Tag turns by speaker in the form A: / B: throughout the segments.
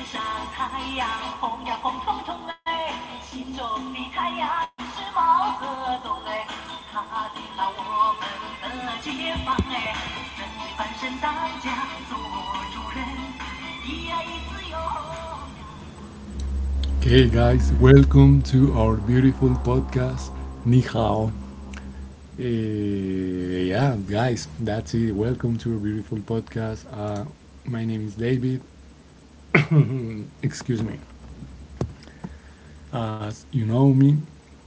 A: 天上太阳红呀红彤彤哎，心中的太阳是毛泽东哎，他领导我们的解放哎，人民翻身当家做主人，一爱一自由。Okay, guys, welcome to our beautiful podcast, Nihao. Yeah, guys, that's it. Welcome to our beautiful podcast. My name is David. Excuse me. As you know me.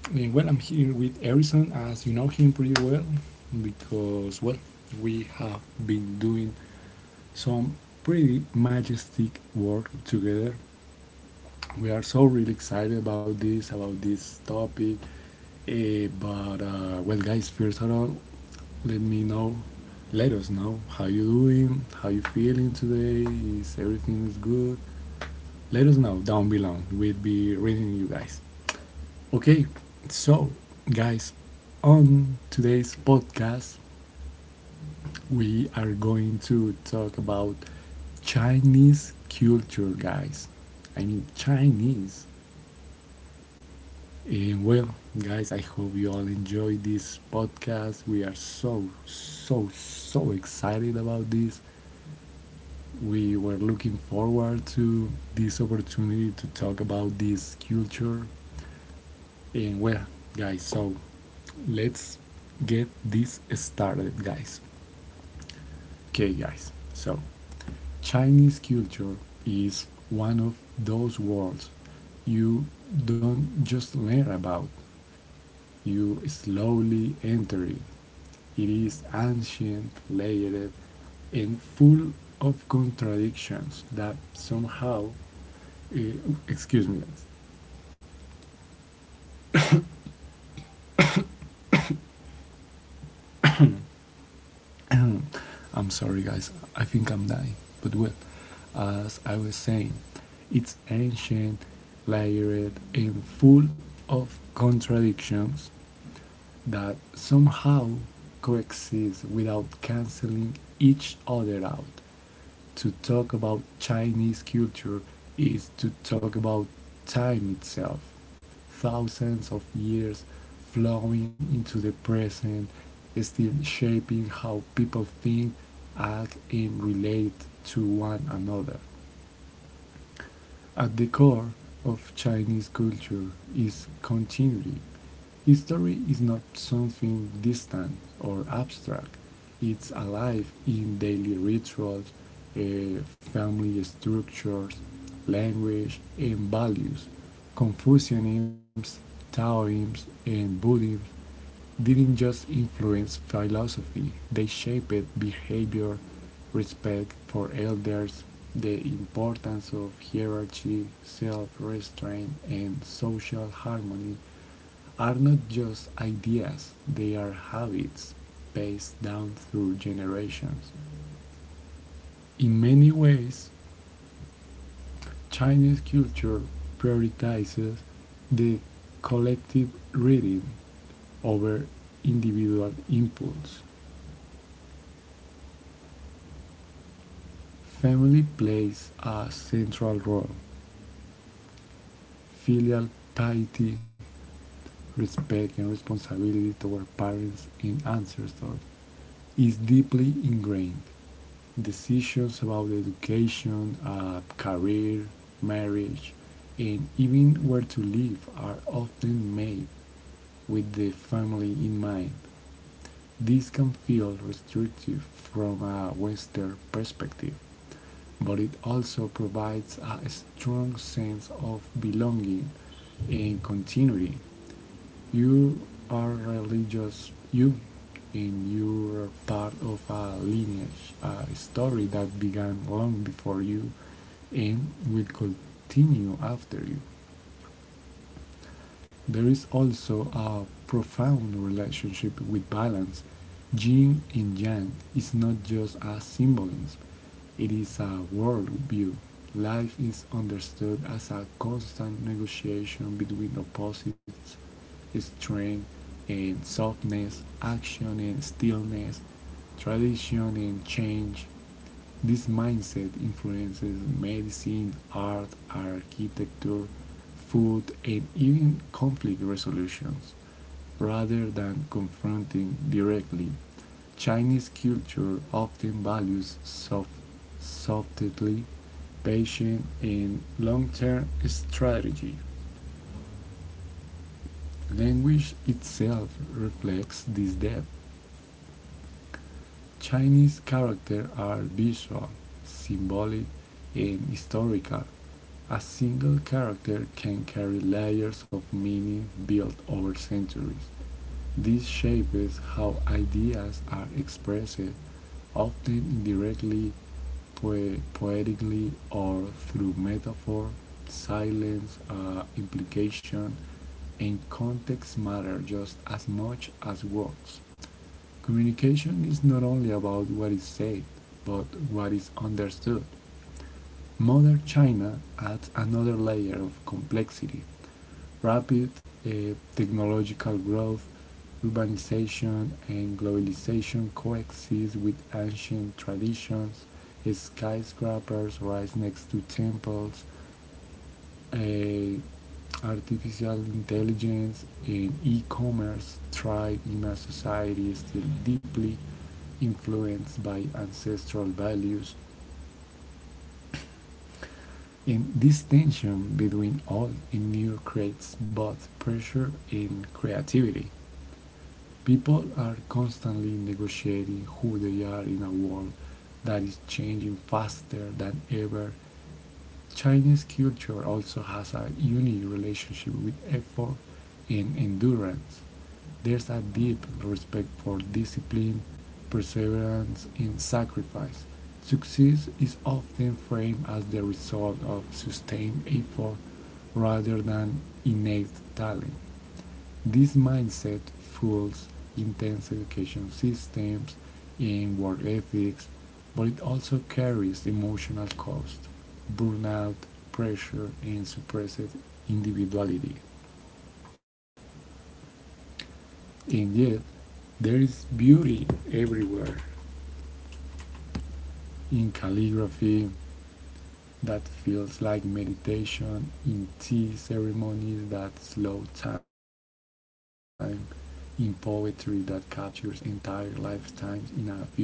A: Well, I'm here with Harrison, as you know him pretty well, because, well, we have been doing some pretty majestic work together. We are so really excited about this topic. But, well, guys, first of all, let me know, let us know how you doing, how you feeling today, is everything is good? Let us know down below. We'll be reading you guys. Okay, so, guys, on today's podcast, we are going to talk about Chinese culture, guys. I mean, Chinese. And, well, guys, I hope you all enjoy this podcast. We are so, so, so excited about this. We were looking forward to this opportunity to talk about this culture. And, well, guys, so let's get this started, guys. Okay, guys, so Chinese culture is one of those worlds you don't just learn about, you slowly enter it. It is ancient, layered, and full of contradictions that somehow, eh, excuse me, I'm sorry, guys. I think I'm dying. But, well, as I was saying, it's ancient, layered, and full of contradictions that somehow coexist without canceling each other out. To talk about Chinese culture is to talk about time itself. Thousands of years flowing into the present, still shaping how people think, act, and relate to one another. At the core of Chinese culture is continuity. History is not something distant or abstract, it's alive in daily rituals, family structures, language, and values. Confucianism, Taoism, and Buddhism didn't just influence philosophy, they shaped behavior, respect for elders, the importance of hierarchy, self restraint, and social harmony are not just ideas, they are habits passed down through generations. In many ways, Chinese culture prioritizes the collective reading over individual impulse. Family plays a central role. Filial piety, respect, and responsibility toward parents and ancestors is deeply ingrained. Decisions about education, a career, marriage, and even where to live are often made with the family in mind. This can feel restrictive from a Western perspective, but it also provides a strong sense of belonging and continuity. You are religious, you, and you are part of a lineage, a story that began long before you and will continue after you. There is also a profound relationship with balance. Yin and Yang is not just a symbolism, it is a worldview. Life is understood as a constant negotiation between opposites, strength and softness, action and stillness, tradition and change. This mindset influences medicine, art, architecture, food, and even conflict resolutions. Rather than confronting directly, Chinese culture often values soft, softly, patient, and long term strategy. Language itself reflects this depth. Chinese characters are visual, symbolic, and historical. A single character can carry layers of meaning built over centuries. This shapes how ideas are expressed, often indirectly, poetically, or through metaphor. Silence, implication, and context matter just as much as words. Communication is not only about what is said, but what is understood. Modern China adds another layer of complexity. Rapid, technological growth, urbanization, and globalization coexist with ancient traditions. Skyscrapers rise next to temples. Uh, Artificial intelligence and e-commerce thrive in a society still deeply influenced by ancestral values. And this tension between old and new creates both pressure and creativity. People are constantly negotiating who they are in a world that is changing faster than ever. Chinese culture also has a unique relationship with effort and endurance. There's a deep respect for discipline, perseverance, and sacrifice. Success is often framed as the result of sustained effort rather than innate talent. This mindset fuels intense education systems and work ethics, but it also carries emotional cost, burnout, pressure, and suppressed individuality. And yet, there is beauty everywhere, in calligraphy that feels like meditation, in tea ceremonies that slow time, in poetry that captures entire lifetimes in a few lines,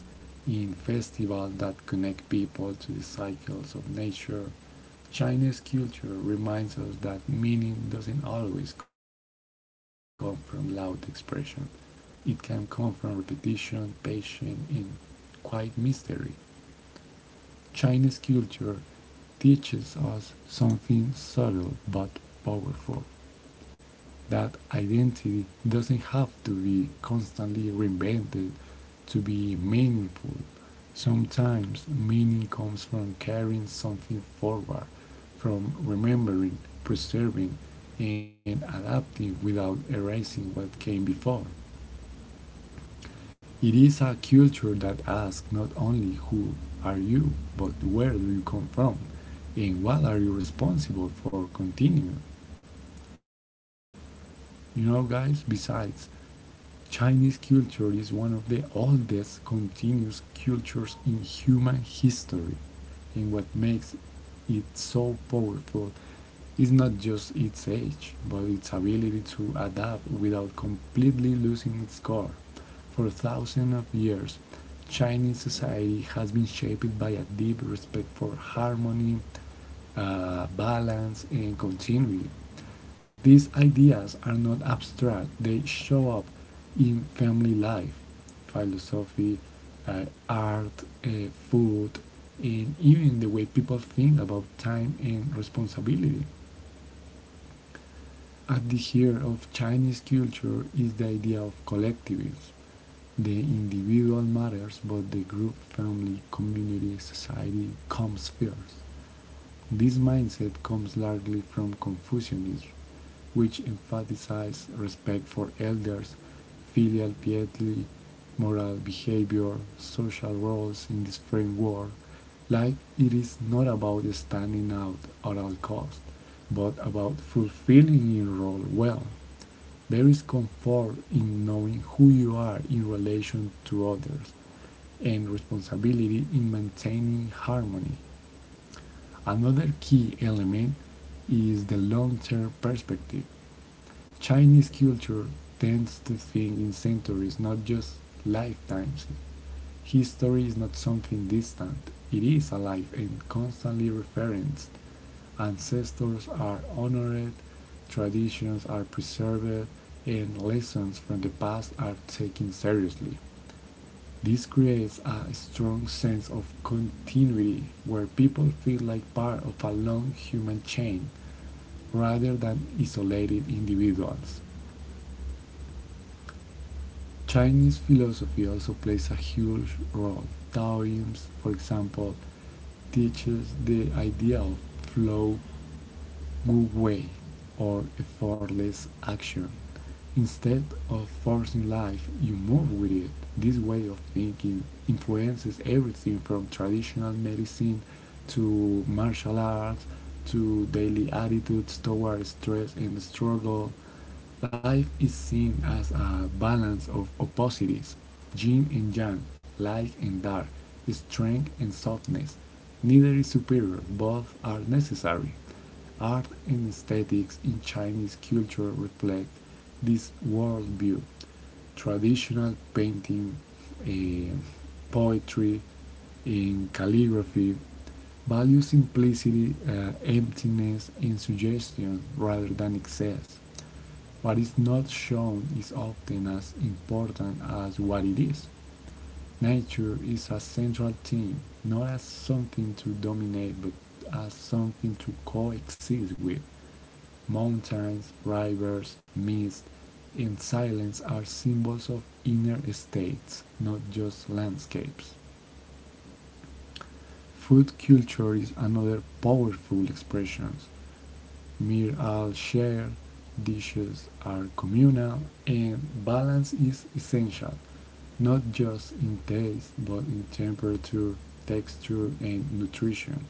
A: in festivals that connect people to the cycles of nature. Chinese culture reminds us that meaning doesn't always come from loud expression. It can come from repetition, patience, and quiet mystery. Chinese culture teaches us something subtle but powerful, that identity doesn't have to be constantly reinvented to be meaningful. Sometimes meaning comes from carrying something forward, from remembering, preserving, and adapting without erasing what came before. It is a culture that asks not only who are you, but where do you come from and what are you responsible for continuing. You know, guys, besides, Chinese culture is one of the oldest continuous cultures in human history, and what makes it so powerful is not just its age, but its ability to adapt without completely losing its core. For thousands of years, Chinese society has been shaped by a deep respect for harmony, balance, and continuity. These ideas are not abstract, they show up in family life, philosophy, art, food, and even the way people think about time and responsibility. At the heart of Chinese culture is the idea of collectivism. The individual matters, but the group, family, community, society comes first. This mindset comes largely from Confucianism, which emphasizes respect for elders, filial piety, moral behavior, social roles in this framework. Life it is not about standing out at all costs, but about fulfilling your role well. There is comfort in knowing who you are in relation to others and responsibility in maintaining harmony. Another key element is the long-term perspective. Chinese culture tends to think in centuries, not just lifetimes. History is not something distant, it is alive and constantly referenced. Ancestors are honored, traditions are preserved, and lessons from the past are taken seriously. This creates a strong sense of continuity where people feel like part of a long human chain rather than isolated individuals. Chinese philosophy also plays a huge role. Taoism, for example, teaches the idea of flow, good way, or effortless action. Instead of forcing life, you move with it. This way of thinking influences everything from traditional medicine to martial arts to daily attitudes toward stress and struggle. Life is seen as a balance of opposites, yin and yang, light and dark, strength and softness. Neither is superior, both are necessary. Art and aesthetics in Chinese culture reflect this worldview. Traditional painting, eh, poetry, and calligraphy value simplicity, emptiness, and suggestion rather than excess. What is not shown is often as important as what it is. Nature is a central theme, not as something to dominate, but as something to coexist with. Mountains, rivers, mist, and silence are symbols of inner states, not just landscapes. Food culture is another powerful expression. Meals are shared, dishes are communal, and balance is essential, not just in taste but in temperature, texture, and nutrition.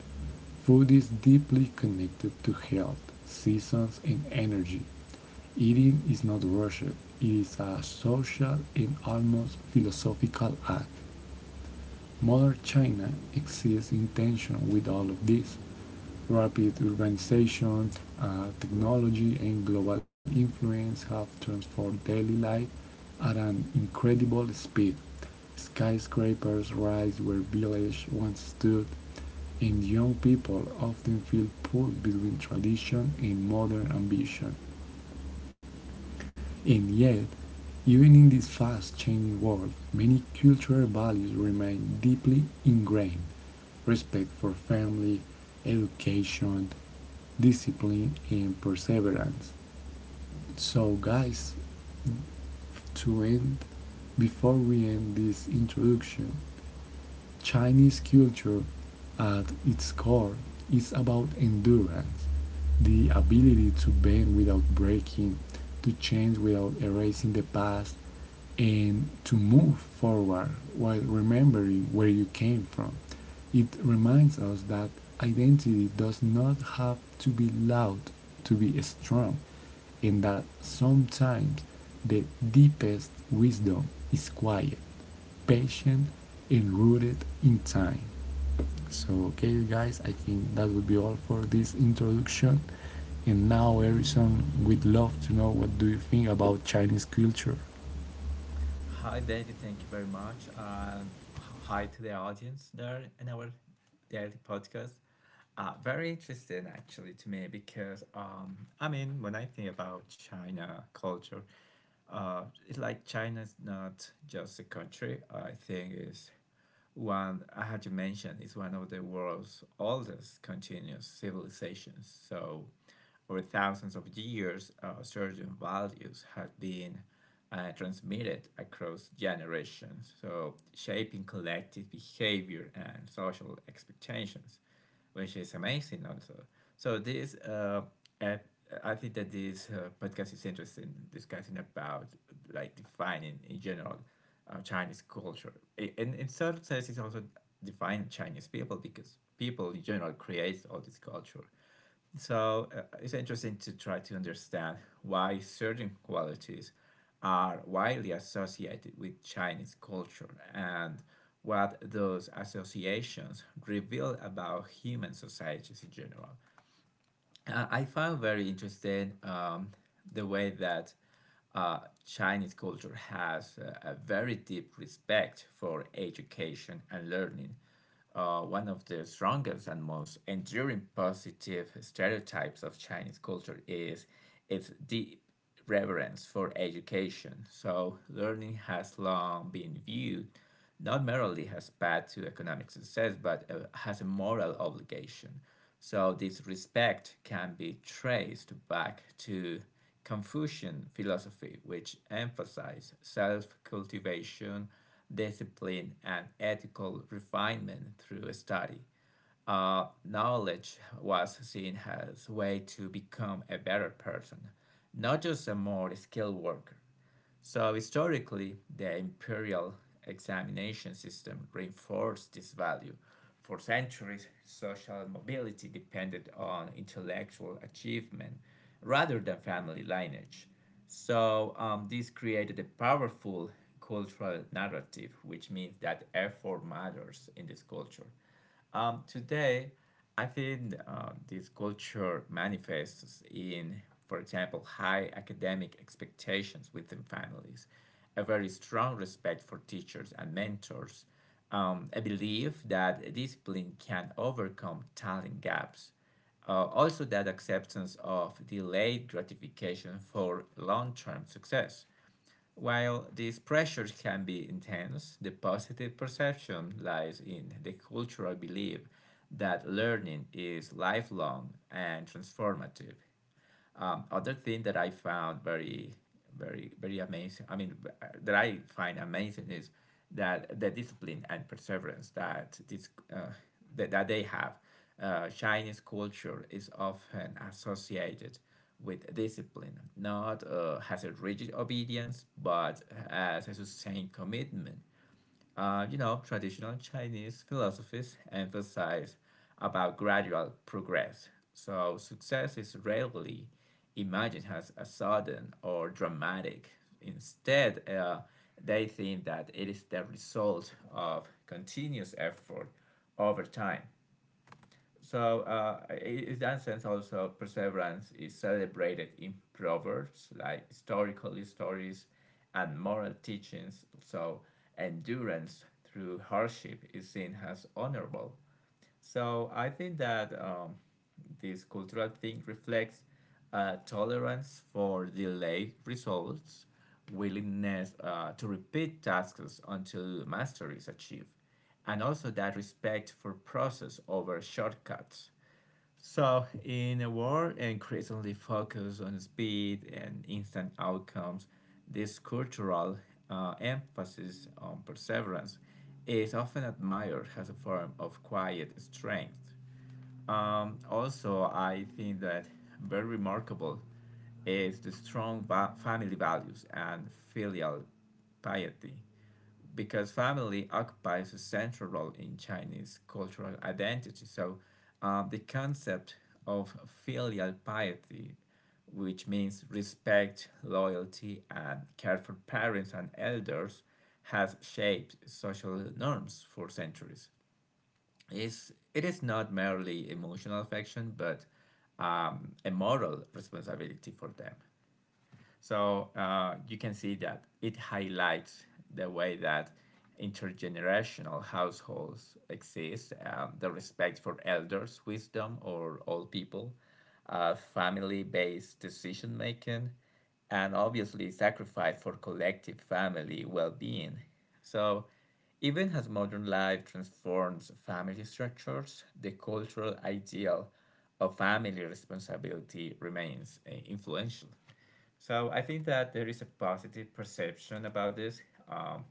A: Food is deeply connected to health, seasons, and energy. Eating is not rushed, it is a social and almost philosophical act. Modern China exists in tension with all of this. Rapid urbanization, technology, and global influence have transformed daily life at an incredible speed. Skyscrapers rise where village once stood, and young people often feel pulled between tradition and modern ambition. And yet, even in this fast changing world, many cultural values remain deeply ingrained, respect for family, education, discipline, and perseverance. So, guys, to end, before we end this introduction, Chinese culture at its core is about endurance, the ability to bend without breaking, to change without erasing the past, and to move forward while remembering where you came from. It reminds us that identity does not have to be loud to be strong, and that sometimes the deepest wisdom is quiet, patient, and rooted in time. So, okay, guys, I think that would be all for this introduction. And now, Harrison, we'd love to know what do you think about Chinese culture.
B: Hi, David. Thank you very much. And hi to the audience there in our daily podcast. Very interesting actually to me because I mean, when I think about China culture, uh, it's like China's not just a country. I think it's one I had to mention is one of the world's oldest continuous civilizations. So, over thousands of years, certain values have been transmitted across generations, so shaping collective behavior and social expectations which is amazing also. So this app, I think that this podcast is interesting discussing about like defining in general Chinese culture. And in certain sense, it's also define Chinese people because people in general create all this culture. So it's interesting to try to understand why certain qualities are widely associated with Chinese culture and what those associations reveal about human societies in general. I found very interesting the way that uh, Chinese culture has a very deep respect for education and learning. One of the strongest and most enduring positive stereotypes of Chinese culture is its deep reverence for education. So, learning has long been viewed not merely as path to economic success, but as a moral obligation. So, this respect can be traced back to Confucian philosophy, which emphasized self cultivation, discipline, and ethical refinement through study. Knowledge was seen as a way to become a better person, not just a more skilled worker. So historically, the imperial examination system reinforced this value. For centuries, social mobility depended on intellectual achievement rather than family lineage. So, this created a powerful cultural narrative, which means that effort matters in this culture. Today, I think this culture manifests in, for example, high academic expectations within families, a very strong respect for teachers and mentors, a belief that discipline can overcome talent gaps, also that acceptance of delayed gratification for long-term success. While these pressures can be intense, the positive perception lies in the cultural belief that learning is lifelong and transformative. Other thing that I found very, very, very amazing. I mean, that I find amazing is that the discipline and perseverance that this that, that they have. Chinese culture is often associated with discipline, not as a rigid obedience, but as a sustained commitment. You know, traditional Chinese philosophies emphasize about gradual progress. So success is rarely imagined as a sudden or dramatic. Instead, they think that it is the result of continuous effort over time. So, in that sense, also perseverance is celebrated in proverbs like historical stories and moral teachings. So, endurance through hardship is seen as honorable. So, I think that this cultural thing reflects tolerance for delayed results, willingness to repeat tasks until mastery is achieved, and also that respect for process over shortcuts. So, in a world increasingly focused on speed and instant outcomes, this cultural emphasis on perseverance is often admired as a form of quiet strength. Also, I think that very remarkable is the strong family values and filial piety because family occupies a central role in Chinese cultural identity. So, the concept of filial piety, which means respect, loyalty, and care for parents and elders, has shaped social norms for centuries. Is it is not merely emotional affection, but a moral responsibility for them. So you can see that it highlights the way that intergenerational households exist, the respect for elders' wisdom or old people, family based decision making, and obviously sacrifice for collective family well being. So, even as modern life transforms family structures, the cultural ideal of family responsibility remains influential. So I think that there is a positive perception about this um,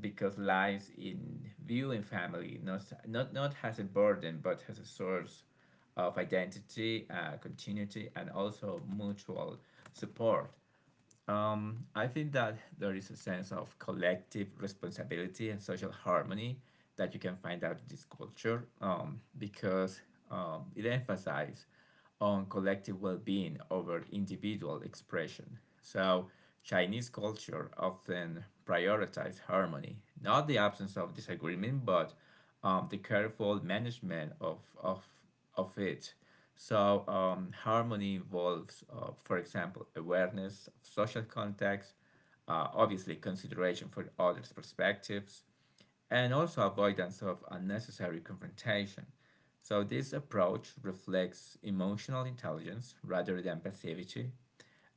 B: because lies in viewing family not as a burden but as a source of identity, continuity, and also mutual support. I think that there is a sense of collective responsibility and social harmony that you can find out in this culture because it emphasizes on collective well-being over individual expression. So Chinese culture often prioritizes harmony, not the absence of disagreement, but the careful management of it. So, harmony involves, for example, awareness of social context, obviously, consideration for others' perspectives, and also avoidance of unnecessary confrontation. So, this approach reflects emotional intelligence rather than passivity,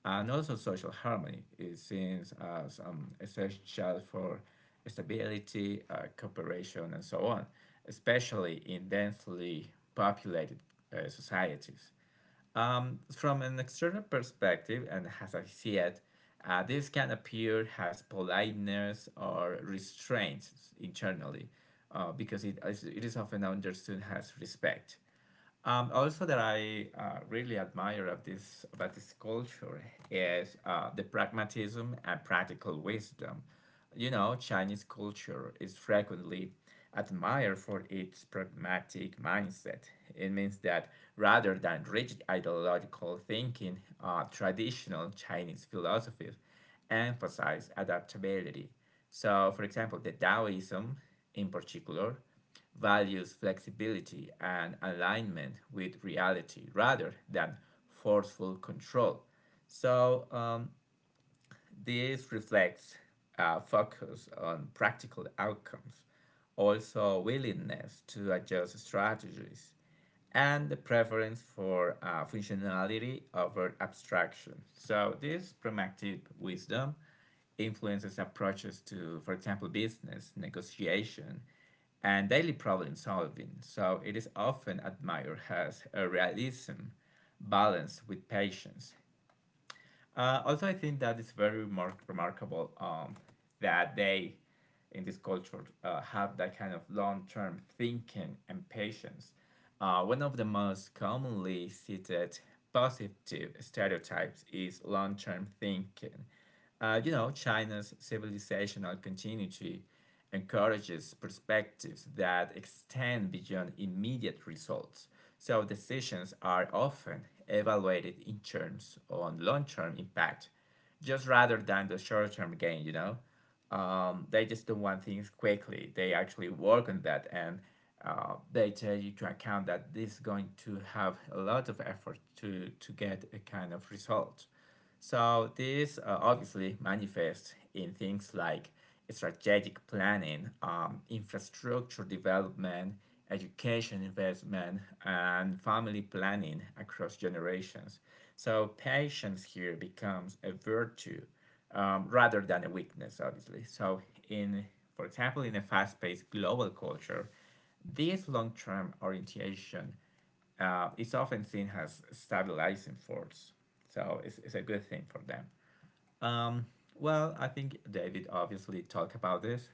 B: and also, social harmony is seen as essential for stability, cooperation, and so on, especially in densely populated societies. From an external perspective, and as I see it, this can appear as politeness or restraint internally, because it is often understood as respect. Also, that I really admire of this about this culture is the pragmatism and practical wisdom. You know, Chinese culture is frequently admired for its pragmatic mindset. It means that rather than rigid ideological thinking, traditional Chinese philosophies emphasize adaptability. So, for example, the Taoism in particular values flexibility and alignment with reality rather than forceful control. So, this reflects a focus on practical outcomes, also willingness to adjust strategies, and the preference for functionality over abstraction. So this pragmatic wisdom influences approaches to, for example, business, negotiation, and daily problem solving. So it is often admired as a realism balanced with patience. Also, I think that is very remarkable that they in this culture have that kind of long-term thinking and patience. One of the most commonly cited positive stereotypes is long-term thinking. You know, China's civilizational continuity encourages perspectives that extend beyond immediate results. So decisions are often evaluated in terms on long-term impact, just rather than the short-term gain, you know, they just don't want things quickly. They actually work on that and they take into account that this is going to have a lot of effort to get a kind of result. So this obviously manifests in things like strategic planning, infrastructure development, education investment, and family planning across generations. So patience here becomes a virtue rather than a weakness, obviously. So, in for example, in a fast-paced global culture, this long-term orientation is often seen as a stabilizing force. So it's a good thing for them. Um, well, I think David obviously talked about this,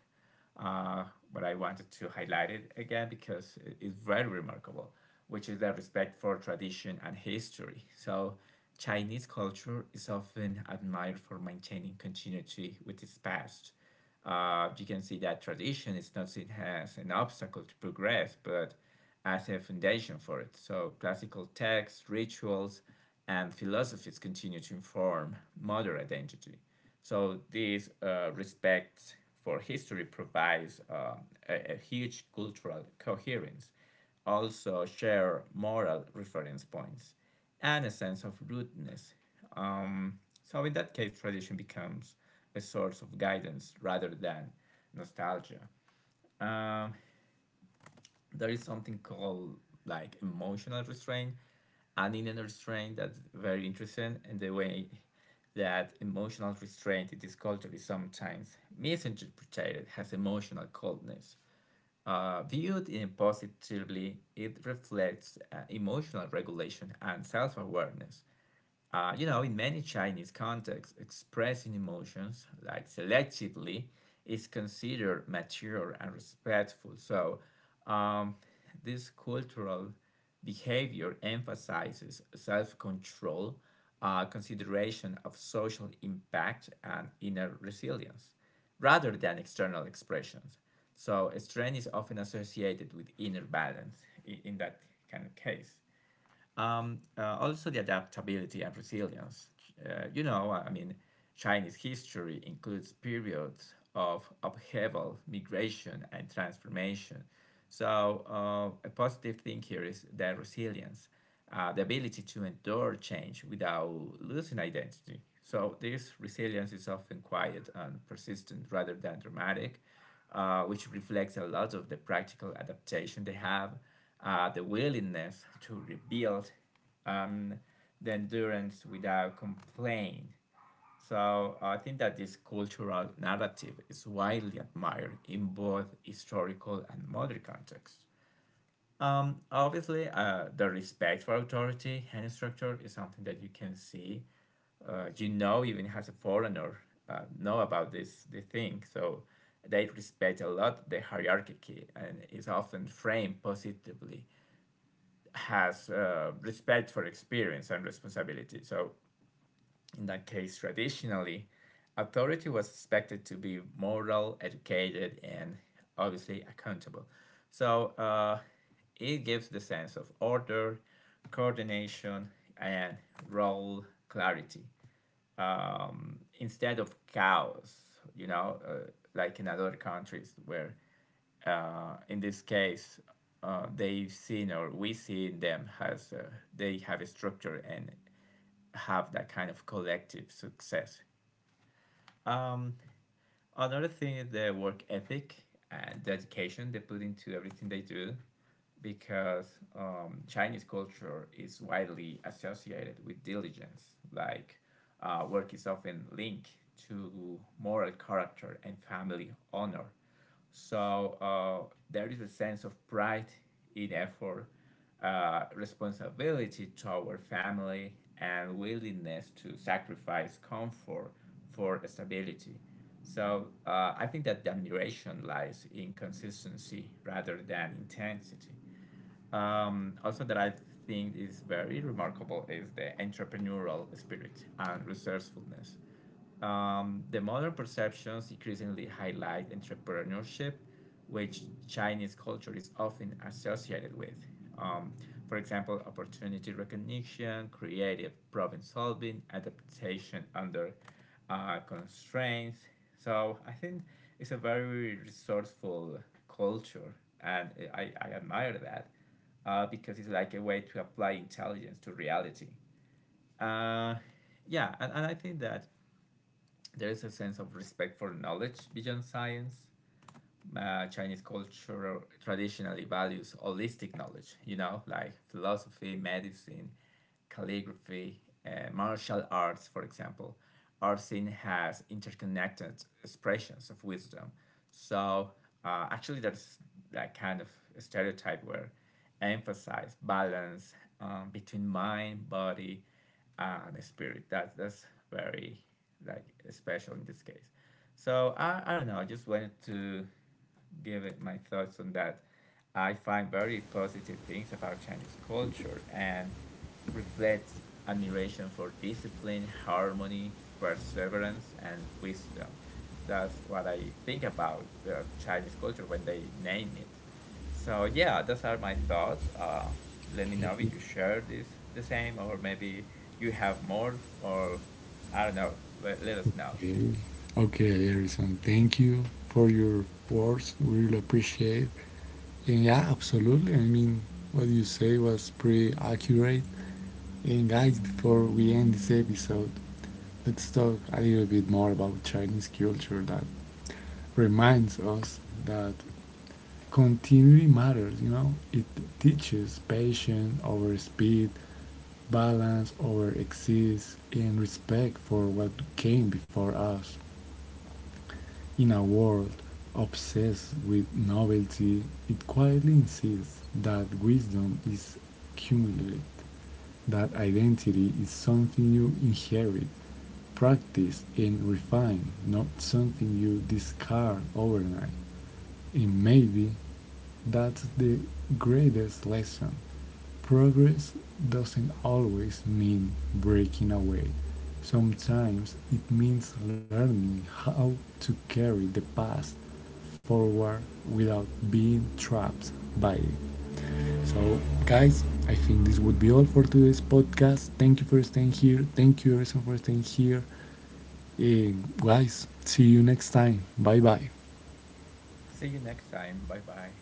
B: uh, but I wanted to highlight it again because it's very remarkable, which is the respect for tradition and history. So, Chinese culture is often admired for maintaining continuity with its past. You can see that tradition is not seen as an obstacle to progress, but as a foundation for it. So, classical texts, rituals, and philosophies continue to inform modern identity. So, this respect for history provides a huge cultural coherence, also, share moral reference points, and a sense of rootedness. Um, so, in that case, tradition becomes a source of guidance rather than nostalgia. Um, there is something called like emotional restraint and inner restraint that's very interesting. And the way that emotional restraint in this culture is sometimes misinterpreted as emotional coldness. Viewed in positively, it reflects emotional regulation and self awareness. You know, in many Chinese contexts, expressing emotions, like selectively, is considered mature and respectful. So, um, this cultural behavior emphasizes self control, consideration of social impact, and inner resilience, rather than external expressions. So, strength is often associated with inner balance in that kind of case, also the adaptability and resilience. You know, I mean, Chinese history includes periods of upheaval, migration, and transformation. So, a positive thing here is their resilience, the ability to endure change without losing identity. So, this resilience is often quiet and persistent rather than dramatic, which reflects a lot of the practical adaptation they have, the willingness to rebuild, um, the endurance without complaint. So I think that this cultural narrative is widely admired in both historical and modern contexts. Obviously, the respect for authority and structure is something that you can see. You know, even as a foreigner, know about this thing. So they respect a lot the hierarchy and is often framed positively has respect for experience and responsibility. So in that case, traditionally, authority was expected to be moral, educated, and obviously accountable. So it gives the sense of order, coordination, and role clarity, instead of cows, you know, like in other countries where, in this case, they've seen or we see them as they have a structure and have that kind of collective success. Um, Another thing is their work ethic and dedication they put into everything they do because Chinese culture is widely associated with diligence. Like work is often linked to moral character and family honor. So there is a sense of pride in effort, responsibility toward family, and willingness to sacrifice comfort for stability. So I think that the admiration lies in consistency rather than intensity. Also, that I think is very remarkable is the entrepreneurial spirit and resourcefulness. The modern perceptions increasingly highlight entrepreneurship, which Chinese culture is often associated with. Um, for example, opportunity recognition, creative problem solving, adaptation under constraints. So I think it's a very resourceful culture, and I admire that because it's like a way to apply intelligence to reality. Uh, yeah, and I think that there is a sense of respect for knowledge beyond science. Chinese culture traditionally values holistic knowledge, you know, like philosophy, medicine, calligraphy, martial arts, for example, are seen as interconnected expressions of wisdom. So actually, there's that kind of stereotype where emphasize balance between mind, body, and the spirit. That's very like special in this case. So I don't know. I just wanted to give it my thoughts on that. I find very positive things about Chinese culture and reflects admiration for discipline, harmony, perseverance, and wisdom. That's what I think about Chinese culture when they name it. So yeah, those are my thoughts. Let me know if you share this the same, or maybe you have more, or I don't know. Let us know.
A: Okay, okay, Harrison, thank you for your words. We really appreciate. And yeah, absolutely. I mean, what you say was pretty accurate. And, guys, before we end this episode, let's talk a little bit more about Chinese culture that reminds us that continuity matters. It teaches patience over speed, balance over excess, and respect for what came before us. In a world obsessed with novelty, it quietly insists that wisdom is cumulative, that identity is something you inherit, practice, and refine, not something you discard overnight. And maybe that's the greatest lesson. Progress doesn't always mean breaking away. Sometimes it means learning how to carry the past forward without being trapped by it. So, guys, I think this would be all for today's podcast. Thank you for staying here. Thank you, everyone, for staying here. And, guys, see you next time. Bye bye.
B: See you next time. Bye bye.